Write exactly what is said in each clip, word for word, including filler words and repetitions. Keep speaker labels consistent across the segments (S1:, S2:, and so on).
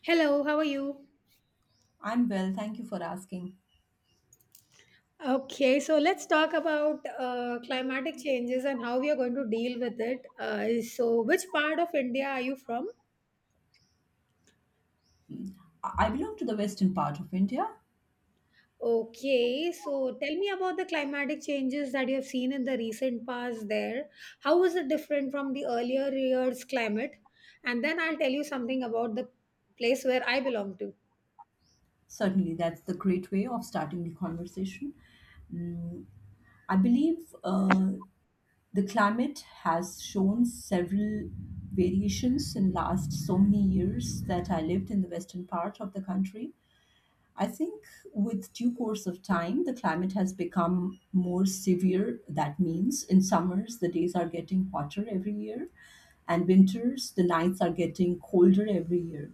S1: Hello, how are you?
S2: I'm well, thank you for asking.
S1: Okay, so let's talk about uh, climatic changes and how we are going to deal with it. Uh, so, which part of India are you from?
S2: I I belong to the western part of India.
S1: Okay, so tell me about the climatic changes that you have seen in the recent past there. How is it different from the earlier year's climate? And then I'll tell you something about the place where I belong to.
S2: Certainly, that's the great way of starting the conversation. Mm, I believe uh, the climate has shown several variations in last so many years that I lived in the western part of the country. I think with due course of time, the climate has become more severe. That means in summers, the days are getting hotter every year, and winters, the nights are getting colder every year.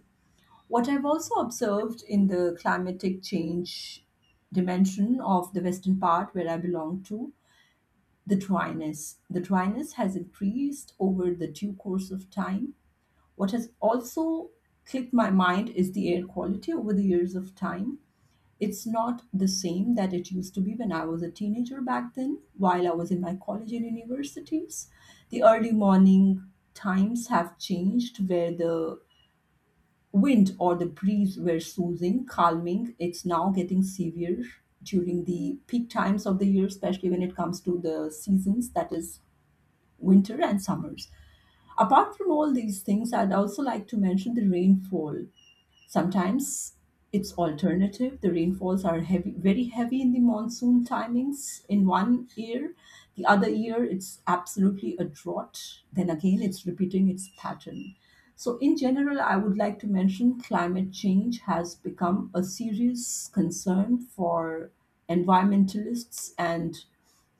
S2: What I've also observed in the climatic change dimension of the western part where I belong to, the dryness. The dryness has increased over the due course of time. What has also clicked my mind is the air quality over the years of time. It's not the same that it used to be when I was a teenager back then, while I was in my college and universities. The early morning times have changed where the wind or the breeze were soothing, calming. It's now getting severe during the peak times of the year, especially when it comes to the seasons, that is, winter and summers. Apart from all these things, I'd also like to mention the rainfall. Sometimes it's alternative. The rainfalls are heavy, very heavy in the monsoon timings in one year. The other year, it's absolutely a drought. Then again, it's repeating its pattern. So, in general, I would like to mention climate change has become a serious concern for environmentalists and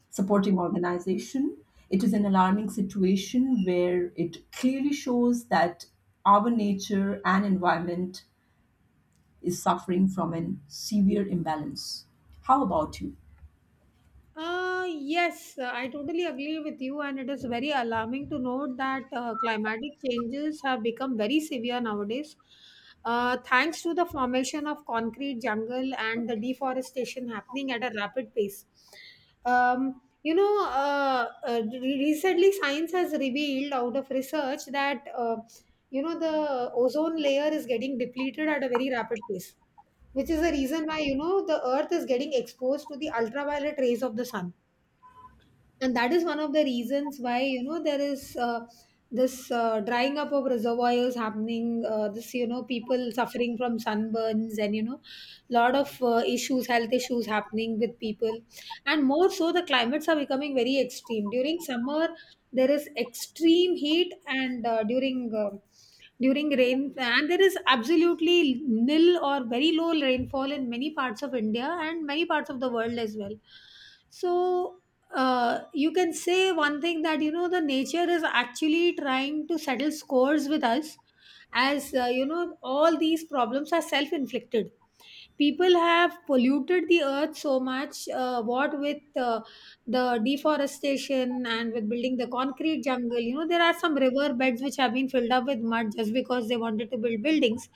S2: supporting organization. It is an alarming situation where it clearly shows that our nature and environment is suffering from an severe imbalance. How about you?
S1: Uh, yes, uh, I totally agree with you, and it is very alarming to note that uh, climatic changes have become very severe nowadays, uh, thanks to the formation of concrete jungle and the deforestation happening at a rapid pace. Um, you know, uh, uh, re- recently science has revealed out of research that uh, you know the ozone layer is getting depleted at a very rapid pace, which is the reason why you know the earth is getting exposed to the ultraviolet rays of the sun, and that is one of the reasons why you know there is uh, this uh, drying up of reservoirs happening, uh, this, you know people suffering from sunburns, and you know lot of uh, issues, health issues happening with people. And more so, the climates are becoming very extreme during summer. There is extreme heat, and uh, during uh, during rain, and there is absolutely nil or very low rainfall in many parts of india and many parts of the world as well. So, uh, you can say one thing, that you know the nature is actually trying to settle scores with us, as uh, you know all these problems are self-inflicted. People have polluted the earth so much, uh, what with uh, the deforestation and with building the concrete jungle. You know there are some river beds which have been filled up with mud just because they wanted to build buildings.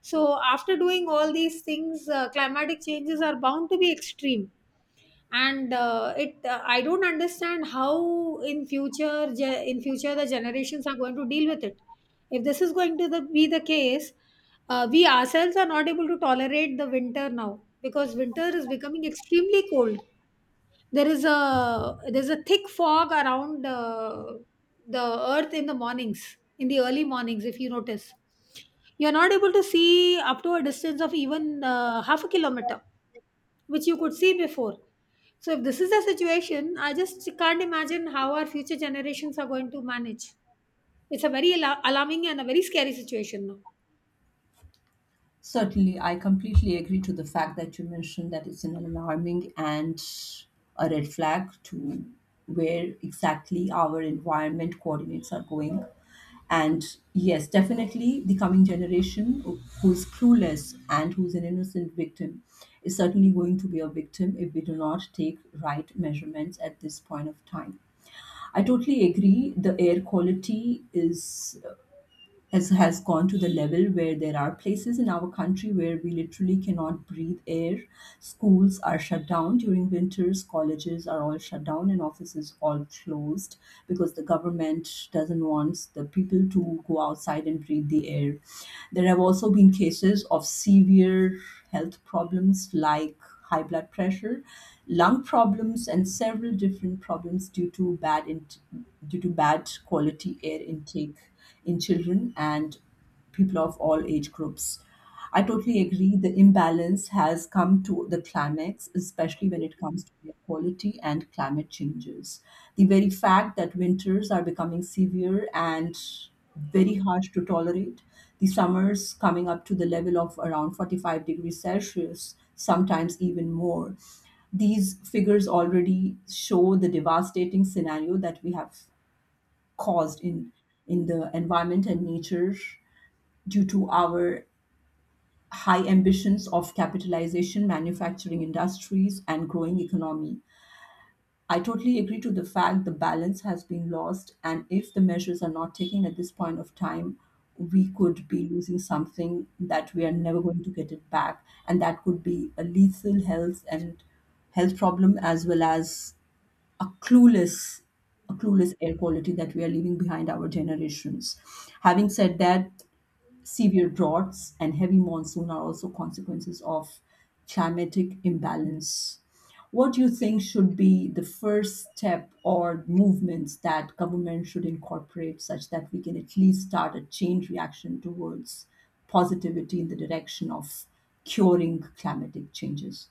S1: So after doing all these things, uh, climatic changes are bound to be extreme. And uh, it uh, I don't understand how in future ge- in future the generations are going to deal with it if this is going to the, be the case. Uh, we ourselves are not able to tolerate the winter now, because winter is becoming extremely cold. There is a there's a thick fog around uh, the earth in the mornings, in the early mornings. If you notice, you're not able to see up to a distance of even uh, half a kilometer, which you could see before. So if this is the situation, I just can't imagine how our future generations are going to manage. It's a very ala- alarming and a very scary situation now.
S2: Certainly, I completely agree to the fact that you mentioned that it's an alarming and a red flag to where exactly our environment coordinates are going. And yes, definitely the coming generation who's clueless and who's an innocent victim is certainly going to be a victim if we do not take right measurements at this point of time. I totally agree. The air quality is has has gone to the level where there are places in our country where we literally cannot breathe air. Schools are shut down during winters, colleges are all shut down, and offices all closed because the government doesn't want the people to go outside and breathe the air. There have also been cases of severe health problems like high blood pressure, lung problems, and several different problems due to bad int- due to bad quality air intake in children and people of all age groups. I totally agree. The imbalance has come to the climax, especially when it comes to air quality and climate changes. The very fact that winters are becoming severe and very harsh to tolerate, the summers coming up to the level of around forty-five degrees Celsius, sometimes even more. These figures already show the devastating scenario that we have caused in in the environment and nature due to our high ambitions of capitalization, manufacturing industries, and growing economy. I totally agree to the fact the balance has been lost, and if the measures are not taken at this point of time, we could be losing something that we are never going to get it back, and that could be a lethal health and health problem as well as a clueless a clueless air quality that we are leaving behind our generations. Having said that, severe droughts and heavy monsoon are also consequences of climatic imbalance. What do you think should be the first step or movements that government should incorporate such that we can at least start a change reaction towards positivity in the direction of curing climatic changes?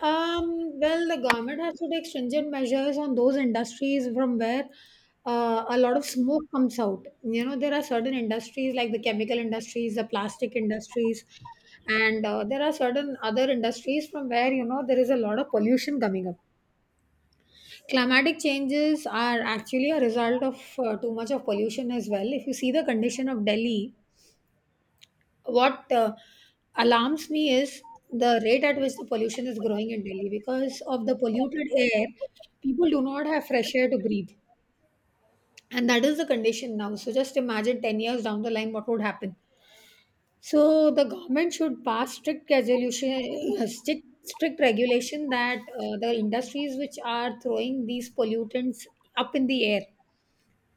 S1: Um, well, the government has to take stringent measures on those industries from where uh, a lot of smoke comes out. You know, there are certain industries like the chemical industries, the plastic industries, and uh, there are certain other industries from where, you know, there is a lot of pollution coming up. Climatic changes are actually a result of uh, too much of pollution as well. If you see the condition of Delhi, what uh, alarms me is the rate at which the pollution is growing in Delhi. Because of the polluted air, people do not have fresh air to breathe. And that is the condition now. So just imagine ten years down the line what would happen. So the government should pass strict resolution, uh, strict, strict regulation, that uh, the industries which are throwing these pollutants up in the air,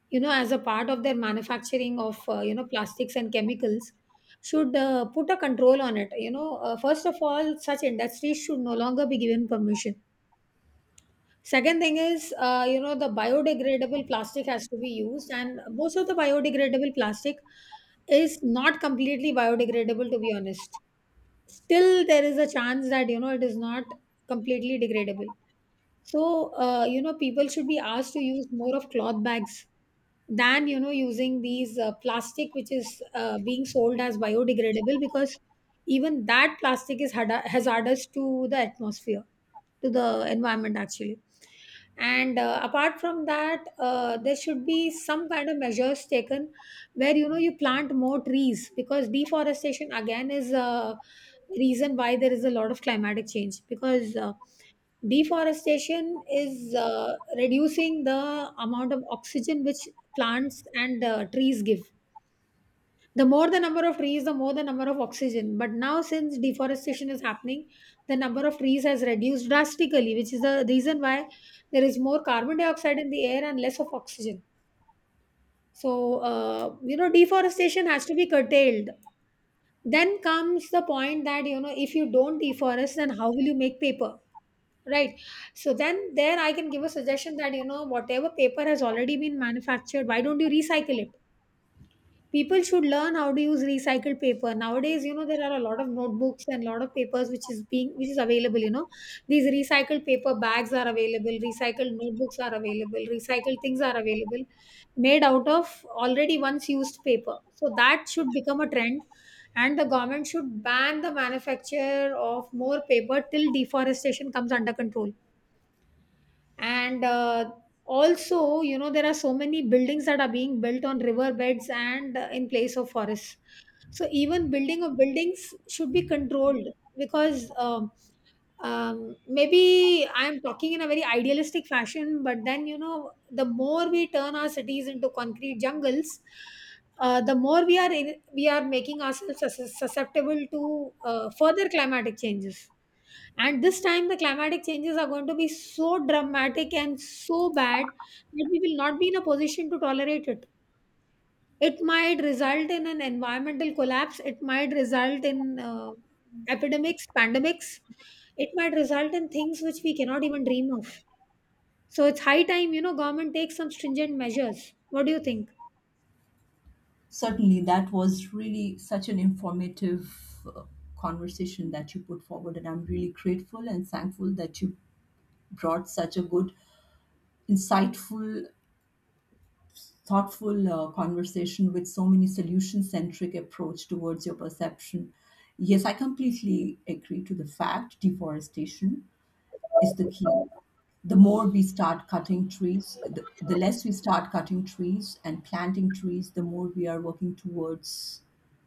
S1: you know, as a part of their manufacturing of uh, you know plastics and chemicals, should uh, put a control on it. You know uh, first of all, such industries should no longer be given permission. Second thing is, uh, you know the biodegradable plastic has to be used, and most of the biodegradable plastic is not completely biodegradable, to be honest. Still there is a chance that, you know, it is not completely degradable. So, uh, you know people should be asked to use more of cloth bags than, you know, using these uh, plastic which is uh, being sold as biodegradable, because even that plastic is hada- hazardous to the atmosphere, to the environment actually. And uh, apart from that, uh, there should be some kind of measures taken where, you know, you plant more trees, because deforestation again is a reason why there is a lot of climatic change. Because uh, deforestation is uh, reducing the amount of oxygen which plants and uh, trees give. The more the number of trees, the more the number of oxygen. But now, since deforestation is happening, the number of trees has reduced drastically, which is the reason why there is more carbon dioxide in the air and less of oxygen. So, uh, you know, deforestation has to be curtailed. Then comes the point that, you know, if you don't deforest, then how will you make paper? Right. So then there I can give a suggestion that, you know, whatever paper has already been manufactured, why don't you recycle it? People should learn how to use recycled paper. Nowadays, you know, there are a lot of notebooks and a lot of papers which is being which is available, you know. These recycled paper bags are available, recycled notebooks are available, recycled things are available, made out of already once used paper. So that should become a trend. And the government should ban the manufacture of more paper till deforestation comes under control. And uh, also, you know, there are so many buildings that are being built on riverbeds and uh, in place of forests. So even building of buildings should be controlled, because um, um, maybe I'm talking in a very idealistic fashion, but then, you know, the more we turn our cities into concrete jungles, uh, the more we are in, we are making ourselves sus- susceptible to uh, further climatic changes. And this time, the climatic changes are going to be so dramatic and so bad that we will not be in a position to tolerate it. It might result in an environmental collapse, it might result in uh, epidemics, pandemics, it might result in things which we cannot even dream of. So it's high time, you know, government takes some stringent measures. What do you think?
S2: Certainly, that was really such an informative uh, conversation that you put forward, and I'm really grateful and thankful that you brought such a good, insightful, thoughtful uh, conversation with so many solution centric approach towards your perception. Yes, I completely agree to the fact deforestation is the key. The more we start cutting trees, the, the less we start cutting trees and planting trees, the more we are working towards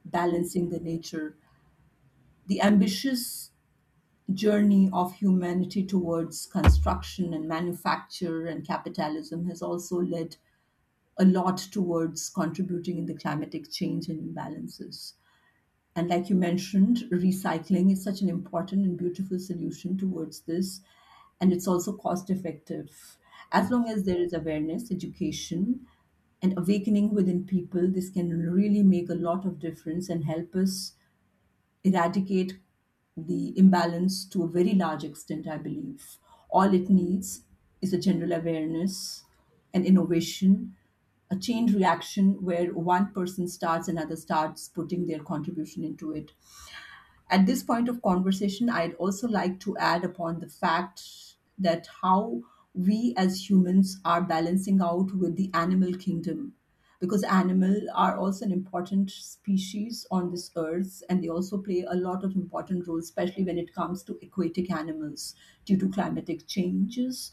S2: balancing the nature. The ambitious journey of humanity towards construction and manufacture and capitalism has also led a lot towards contributing in the climatic change and imbalances. And like you mentioned, recycling is such an important and beautiful solution towards this. And it's also cost effective. As long as there is awareness, education, and awakening within people, this can really make a lot of difference and help us eradicate the imbalance to a very large extent, I believe. All it needs is a general awareness an innovation, a chain reaction where one person starts, another starts putting their contribution into it. At this point of conversation, I'd also like to add upon the fact that how we as humans are balancing out with the animal kingdom because animals are also an important species on this earth and they also play a lot of important roles especially when it comes to aquatic animals due to climatic changes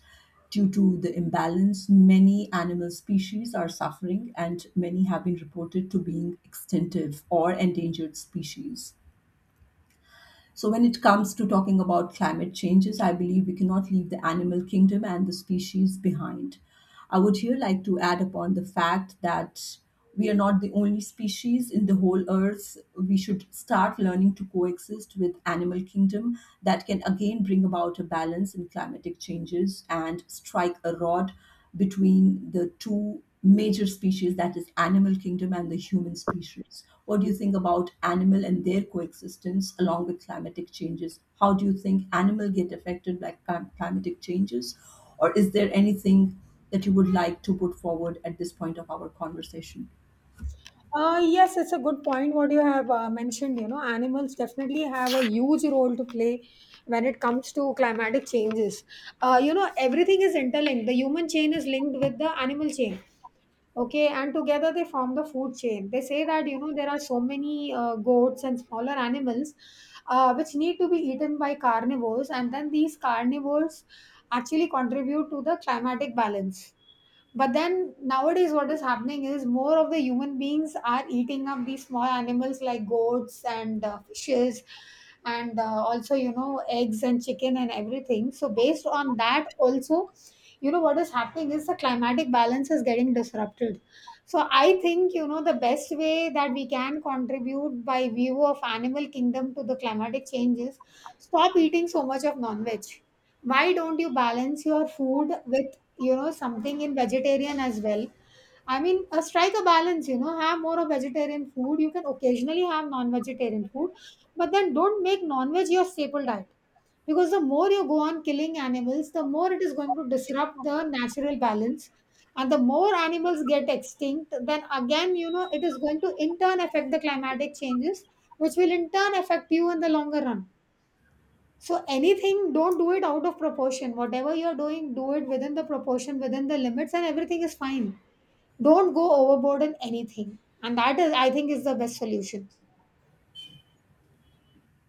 S2: due to the imbalance many animal species are suffering and many have been reported to being extinctive or endangered species so, when it comes to talking about climate changes, I believe we cannot leave the animal kingdom and the species behind. I would here like to add upon the fact that we are not the only species in the whole earth. We should start learning to coexist with animal kingdom that can again bring about a balance in climatic changes and strike a rod between the two major species that is animal kingdom and the human species. What do you think about animal and their coexistence along with climatic changes? How do you think animal get affected by clim- climatic changes, or is there anything that you would like to put forward at this point of our conversation?
S1: Uh, yes, it's a good point what you have uh, mentioned. You know, animals definitely have a huge role to play when it comes to climatic changes. Uh, you know, everything is interlinked. The human chain is linked with the animal chain. Okay, and together they form the food chain. They say that, you know, there are so many uh, goats and smaller animals uh, which need to be eaten by carnivores, and then these carnivores actually contribute to the climatic balance. But then nowadays, what is happening is, more of the human beings are eating up these small animals, like goats and uh, fishes, and uh, also, you know, eggs and chicken and everything. So, based on that, also, you know, what is happening is, the climatic balance is getting disrupted. So, I think, you know, the best way that we can contribute by view of animal kingdom to the climatic changes, stop eating so much of non veg. Why don't you balance your food with, you know, something in vegetarian as well? I mean, uh, strike a balance, you know, have more of vegetarian food. You can occasionally have non vegetarian food, but then don't make non veg your staple diet. Because the more you go on killing animals, the more it is going to disrupt the natural balance. And the more animals get extinct, then again, you know, it is going to in turn affect the climatic changes, which will in turn affect you in the longer run. So anything, don't do it out of proportion. Whatever you're doing, do it within the proportion, within the limits, and everything is fine. Don't go overboard in anything. And that is, I think, is the best solution.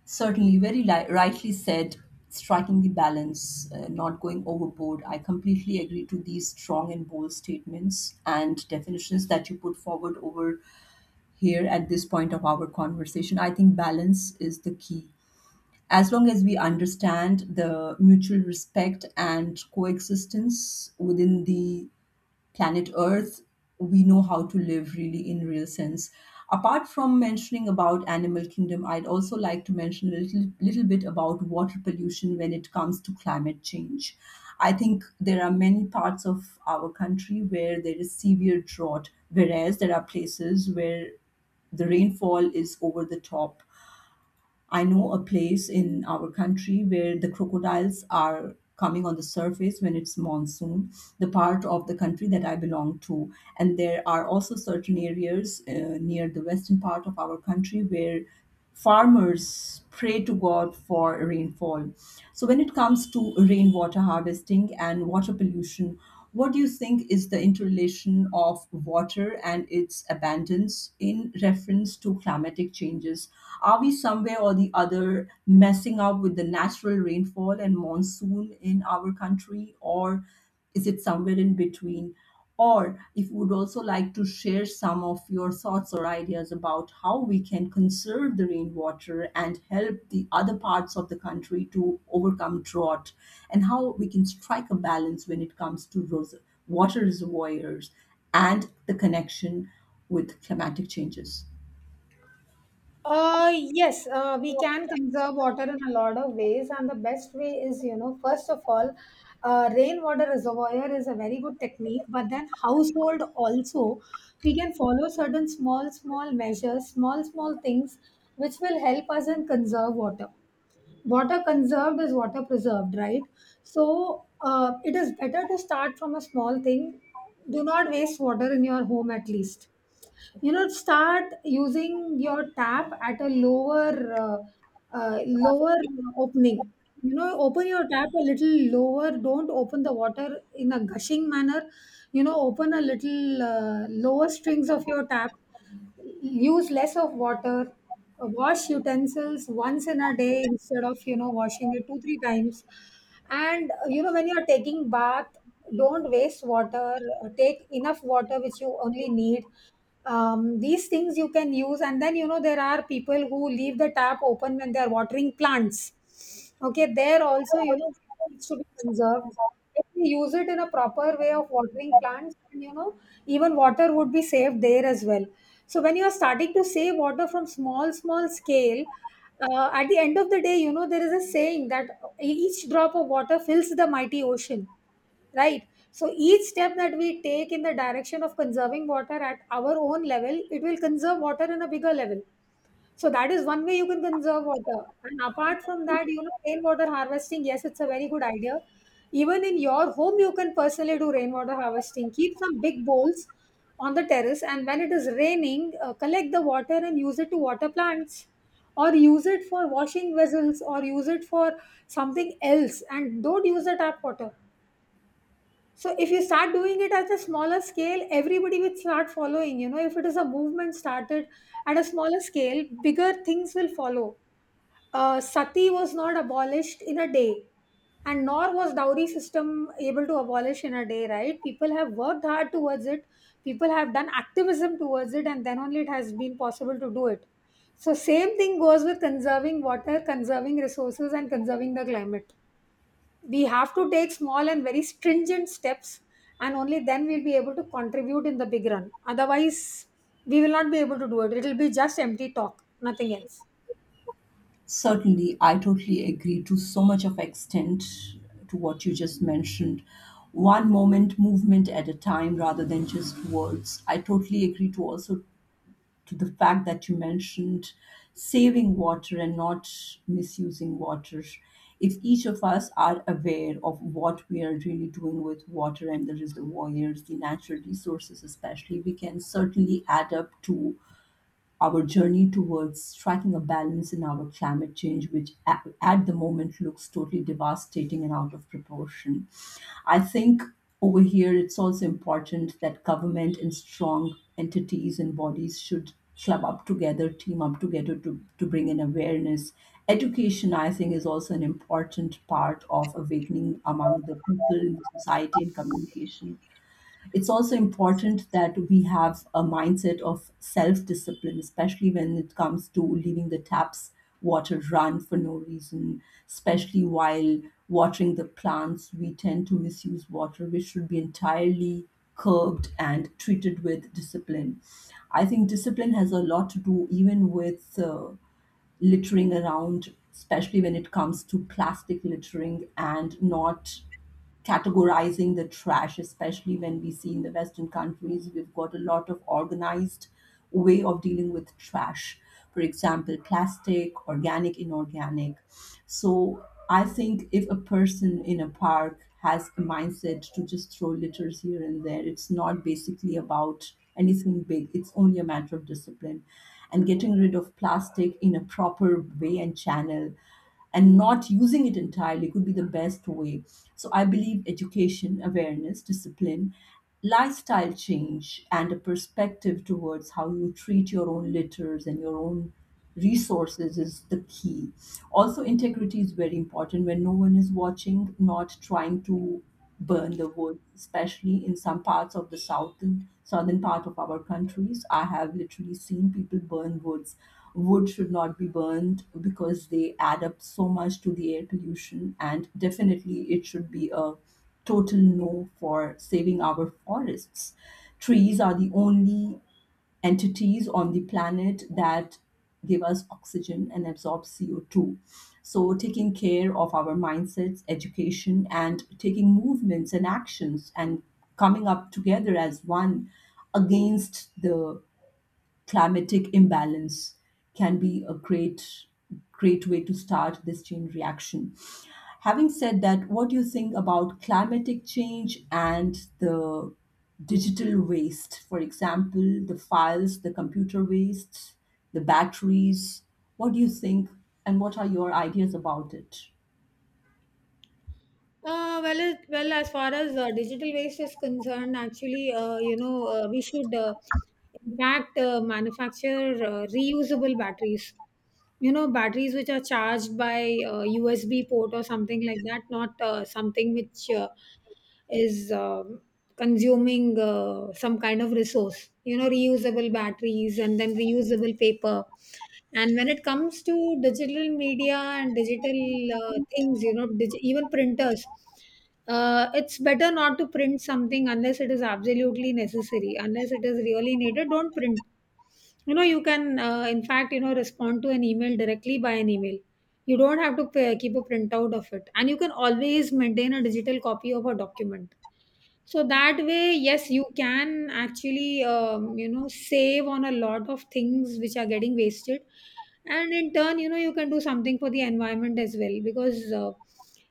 S2: Certainly, very li- rightly said, striking the balance, uh, not going overboard. I completely agree to these strong and bold statements and definitions that you put forward over here at this point of our conversation. I think balance is the key. As long as we understand the mutual respect and coexistence within the planet Earth, we know how to live really in real sense. Apart from mentioning about animal kingdom, I'd also like to mention a little, little bit about water pollution when it comes to climate change. I think there are many parts of our country where there is severe drought, whereas there are places where the rainfall is over the top. I know a place in our country where the crocodiles are coming on the surface when it's monsoon, the part of the country that I belong to. And there are also certain areas uh, near the western part of our country where farmers pray to God for rainfall. So, when it comes to rainwater harvesting and water pollution, what do you think is the interrelation of water and its abundance in reference to climatic changes? Are we somewhere or the other messing up with the natural rainfall and monsoon in our country, or is it somewhere in between? Or if you would also like to share some of your thoughts or ideas about how we can conserve the rainwater and help the other parts of the country to overcome drought, and how we can strike a balance when it comes to ros- water reservoirs and the connection with climatic changes.
S1: Uh, yes, uh, we can conserve water in a lot of ways, and the best way is, you know, first of all, uh, rainwater reservoir is a very good technique. But then household also, we can follow certain small, small measures, small, small things, which will help us in conserve water. Water conserved is water preserved, right? So uh, it is better to start from a small thing. Do not waste water in your home at least. You know, start using your tap at a lower uh, uh, lower opening. You know, open your tap a little lower. Don't open the water in a gushing manner. You know, open a little uh, lower strings of your tap. Use less of water. Uh, wash utensils once in a day instead of, you know, washing it two three times. And uh, you know, when you're taking bath, don't waste water. Uh, take enough water which you only need. Um, these things you can use. And then, you know, there are people who leave the tap open when they are watering plants. Okay, there also, you know, needs to be conserved. If we use it in a proper way of watering plants, then, you know, even water would be saved there as well. So when you are starting to save water from small, small scale, uh, at the end of the day, you know, there is a saying that each drop of water fills the mighty ocean, right? So each step that we take in the direction of conserving water at our own level, it will conserve water in a bigger level. So that is one way you can conserve water. And apart from that, you know, rainwater harvesting, yes, it's a very good idea. Even in your home, you can personally do rainwater harvesting. Keep some big bowls on the terrace, and when it is raining, uh, collect the water and use it to water plants, or use it for washing vessels, or use it for something else. And don't use the tap water. So if you start doing it at a smaller scale, everybody will start following. You know, if it is a movement started at a smaller scale, bigger things will follow. Uh, sati was not abolished in a day, and nor was dowry system able to abolish in a day. Right? People have worked hard towards it. People have done activism towards it, and then only it has been possible to do it. So same thing goes with conserving water, conserving resources, and conserving the climate. We have to take small and very stringent steps, and only then we'll be able to contribute in the big run. Otherwise we will not be able to do it. It will be just empty talk, nothing else.
S2: Certainly, I totally agree to so much of extent to what you just mentioned. One moment, movement at a time, rather than just words. I totally agree to also to the fact that you mentioned saving water and not misusing water. If each of us are aware of what we are really doing with water and the reservoirs, the natural resources, especially, we can certainly add up to our journey towards striking a balance in our climate change, which at, at the moment looks totally devastating and out of proportion. I think over here it's also important that government and strong entities and bodies should club up together, team up together to, to bring in awareness. Education, I think, is also an important part of awakening among the people in society and communication. It's also important that we have a mindset of self discipline, especially when it comes to leaving the taps water run for no reason, especially while watering the plants. We tend to misuse water, which should be entirely curbed and treated with discipline. I think discipline has a lot to do even with uh, littering around, especially when it comes to plastic littering and not categorizing the trash, especially when we see in the Western countries, we've got a lot of organized way of dealing with trash. For example, plastic, organic, inorganic. So I think if a person in a park has a mindset to just throw litters here and there, it's not basically about anything big. It's only a matter of discipline and getting rid of plastic in a proper way and channel and not using it entirely could be the best way. So I believe education, awareness, discipline, lifestyle change, and a perspective towards how you treat your own litters and your own resources is the key. Also, integrity is very important when no one is watching, not trying to burn the wood, especially in some parts of the southern southern part of our countries. I have literally seen people burn woods wood should not be burned because they add up so much to the air pollution, and definitely it should be a total no for saving our forests. Trees are the only entities on the planet that give us oxygen and absorb C O two. So, taking care of our mindsets, education, and taking movements and actions and coming up together as one against the climatic imbalance can be a great, great way to start this chain reaction. Having said that, what do you think about climatic change and the digital waste, for example, the files, the computer waste, the batteries? What do you think, and what are your ideas about it?
S1: Uh, well, it, well, as far as uh, digital waste is concerned, actually, uh, you know, uh, we should, uh, in fact, uh, manufacture uh, reusable batteries. You know, batteries which are charged by uh, U S B port or something like that, not uh, something which uh, is um, consuming uh, some kind of resource. You know, reusable batteries, and then reusable paper. And when it comes to digital media and digital uh, things, you know, dig- even printers, uh, it's better not to print something unless it is absolutely necessary. Unless it is really needed, don't print. You know, you can, uh, in fact, you know, respond to an email directly by an email. You don't have to pay, keep a printout of it, and you can always maintain a digital copy of a document. So that way, yes, you can actually, um, you know, save on a lot of things which are getting wasted. And in turn, you know, you can do something for the environment as well. Because uh,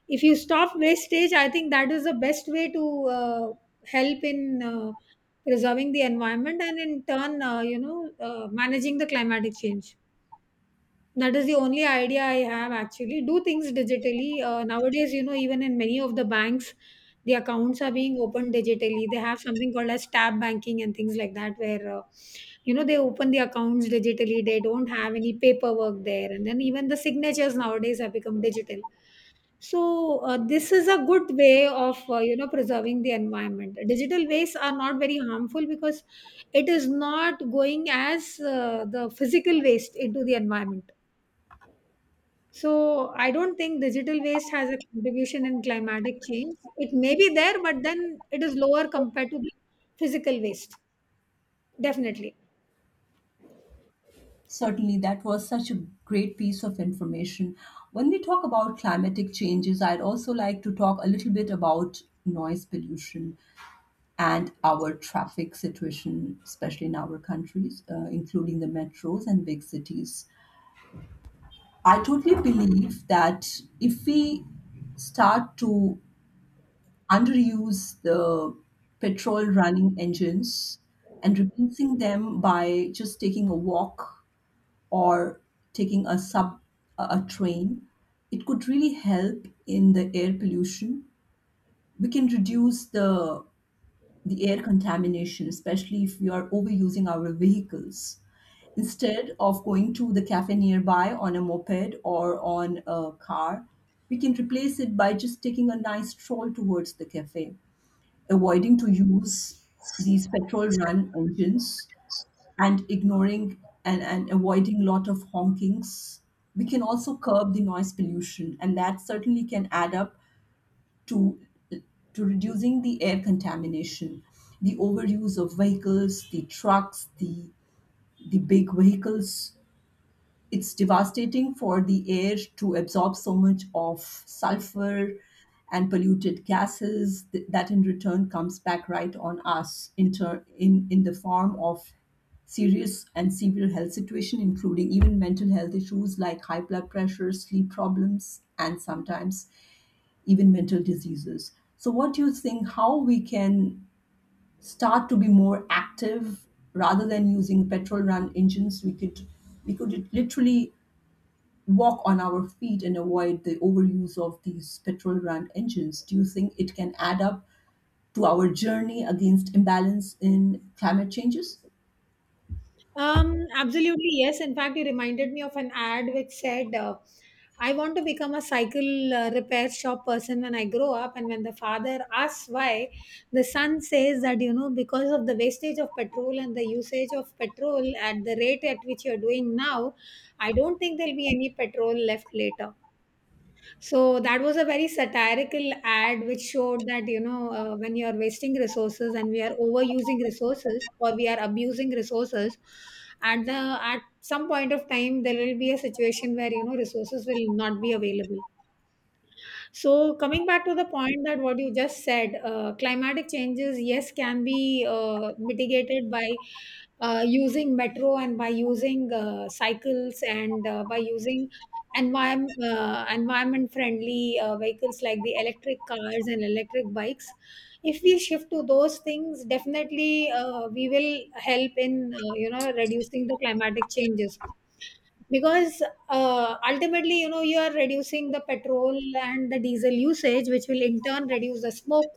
S1: if you stop wastage, I think that is the best way to uh, help in uh, preserving the environment and in turn uh, you know, uh, managing the climatic change. That is the only idea I have actually. Do things digitally. Uh, nowadays, you know, even in many of the banks, the accounts are being opened digitally. They have something called as tab banking and things like that, where, uh, you know, they open the accounts digitally. They don't have any paperwork there. And then even the signatures nowadays have become digital. So, uh, this is a good way of, uh, you know, preserving the environment. Digital ways are not very harmful because it is not going as uh, the physical waste into the environment. So I don't think digital waste has a contribution in climatic change. It may be there, but then it is lower compared to the physical waste. Definitely.
S2: Certainly, that was such a great piece of information. When we talk about climatic changes, I'd also like to talk a little bit about noise pollution and our traffic situation, especially in our countries, uh, including the metros and big cities. I totally believe that if we start to underuse the petrol running engines and replacing them by just taking a walk or taking a sub a a train, it could really help in the air pollution. We can reduce the the air contamination, especially if we are overusing our vehicles. Instead of going to the cafe nearby on a moped or on a car, we can replace it by just taking a nice stroll towards the cafe, avoiding to use these petrol run engines and ignoring and, and avoiding lot of honkings. We can also curb the noise pollution, and that certainly can add up to to reducing the air contamination, the overuse of vehicles, the trucks, the the big vehicles. It's devastating for the air to absorb so much of sulfur and polluted gases th- that in return comes back right on us in, ter- in in the form of serious and severe health situation, including even mental health issues like high blood pressure, sleep problems, and sometimes even mental diseases. So, what do you think, how we can start to be more active rather than using petrol run engines? We could we could literally walk on our feet and avoid the overuse of these petrol run engines. Do you think it can add up to our journey against imbalance in climate changes?
S1: Um, absolutely, yes. In fact, you reminded me of an ad which said, uh, I want to become a cycle uh, repair shop person when I grow up. And when the father asks why, the son says that, you know, because of the wastage of petrol and the usage of petrol at the rate at which you're doing now, I don't think there'll be any petrol left later. So that was a very satirical ad which showed that, you know, uh, when you're wasting resources and we are overusing resources or we are abusing resources, at the at some point of time there will be a situation where, you know, resources will not be available. So, coming back to the point that what you just said, uh, climatic changes, yes, can be uh, mitigated by uh, using metro and by using uh, cycles and uh, by using environment uh, environment friendly uh, vehicles like the electric cars and electric bikes. If we shift to those things, definitely uh, we will help in uh, you know, reducing the climatic changes. Because uh, ultimately, you know, you are reducing the petrol and the diesel usage, which will in turn reduce the smoke,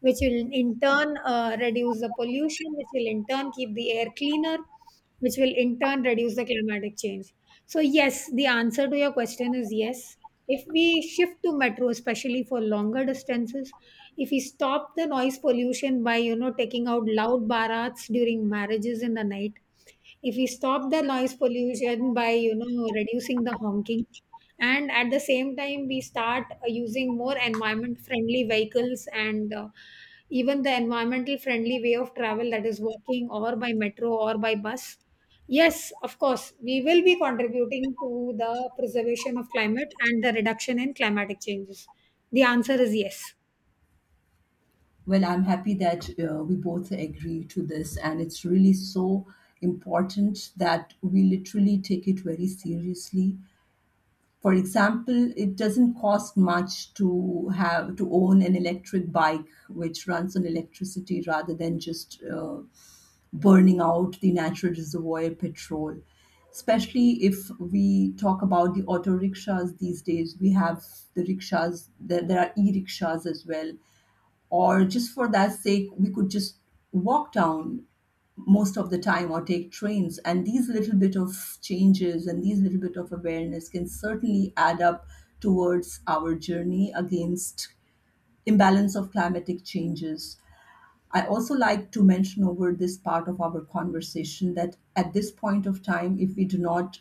S1: which will in turn uh, reduce the pollution, which will in turn keep the air cleaner, which will in turn reduce the climatic change. So yes, the answer to your question is yes. If we shift to metro, especially for longer distances, if we stop the noise pollution by, you know, taking out loud barats during marriages in the night, if we stop the noise pollution by, you know, reducing the honking, and at the same time, we start uh, using more environment friendly vehicles and uh, even the environmental friendly way of travel, that is walking or by metro or by bus. Yes, of course, we will be contributing to the preservation of climate and the reduction in climatic changes. The answer is yes.
S2: Well, I'm happy that uh, we both agree to this, and it's really so important that we literally take it very seriously. For example, it doesn't cost much to have to own an electric bike which runs on electricity rather than just uh, burning out the natural reservoir petrol. Especially if we talk about the auto rickshaws these days, we have the rickshaws, there, there are e rickshaws as well. Or just for that sake, we could just walk down most of the time or take trains, and these little bit of changes and these little bit of awareness can certainly add up towards our journey against imbalance of climatic changes. I also like to mention over this part of our conversation that at this point of time, if we do not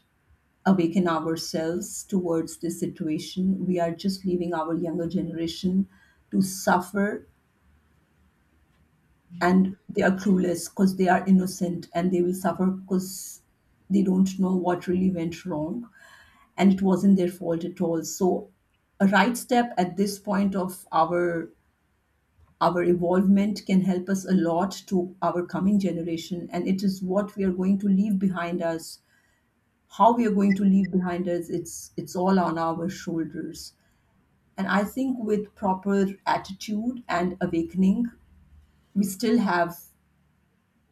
S2: awaken ourselves towards this situation, we are just leaving our younger generation to suffer, and they are clueless because they are innocent, and they will suffer because they don't know what really went wrong, and it wasn't their fault at all. So a right step at this point of our our evolvement can help us a lot to our coming generation, and it is what we are going to leave behind us, how we are going to leave behind us. It's it's all on our shoulders. And I think with proper attitude and awakening, we still have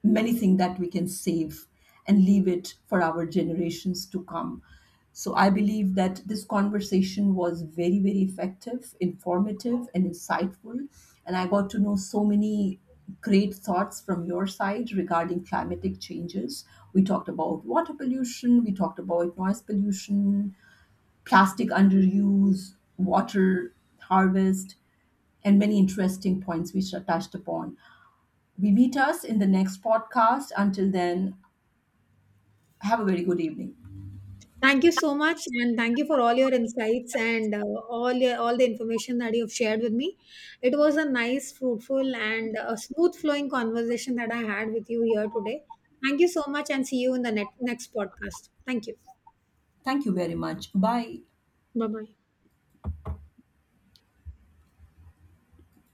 S2: many things that we can save and leave it for our generations to come. So I believe that this conversation was very, very effective, informative, and insightful. And I got to know so many great thoughts from your side regarding climatic changes. We talked about water pollution, we talked about noise pollution, plastic underuse, water harvest, and many interesting points which are touched upon. We meet us in the next podcast. Until then, have a very good evening.
S1: Thank you so much, and thank you for all your insights and uh, all your, all the information that you have shared with me. It was a nice, fruitful, and uh smooth flowing conversation that I had with you here today. Thank you so much, and see you in the ne- next podcast. Thank you.
S2: Thank you very much. Bye.
S1: Bye bye.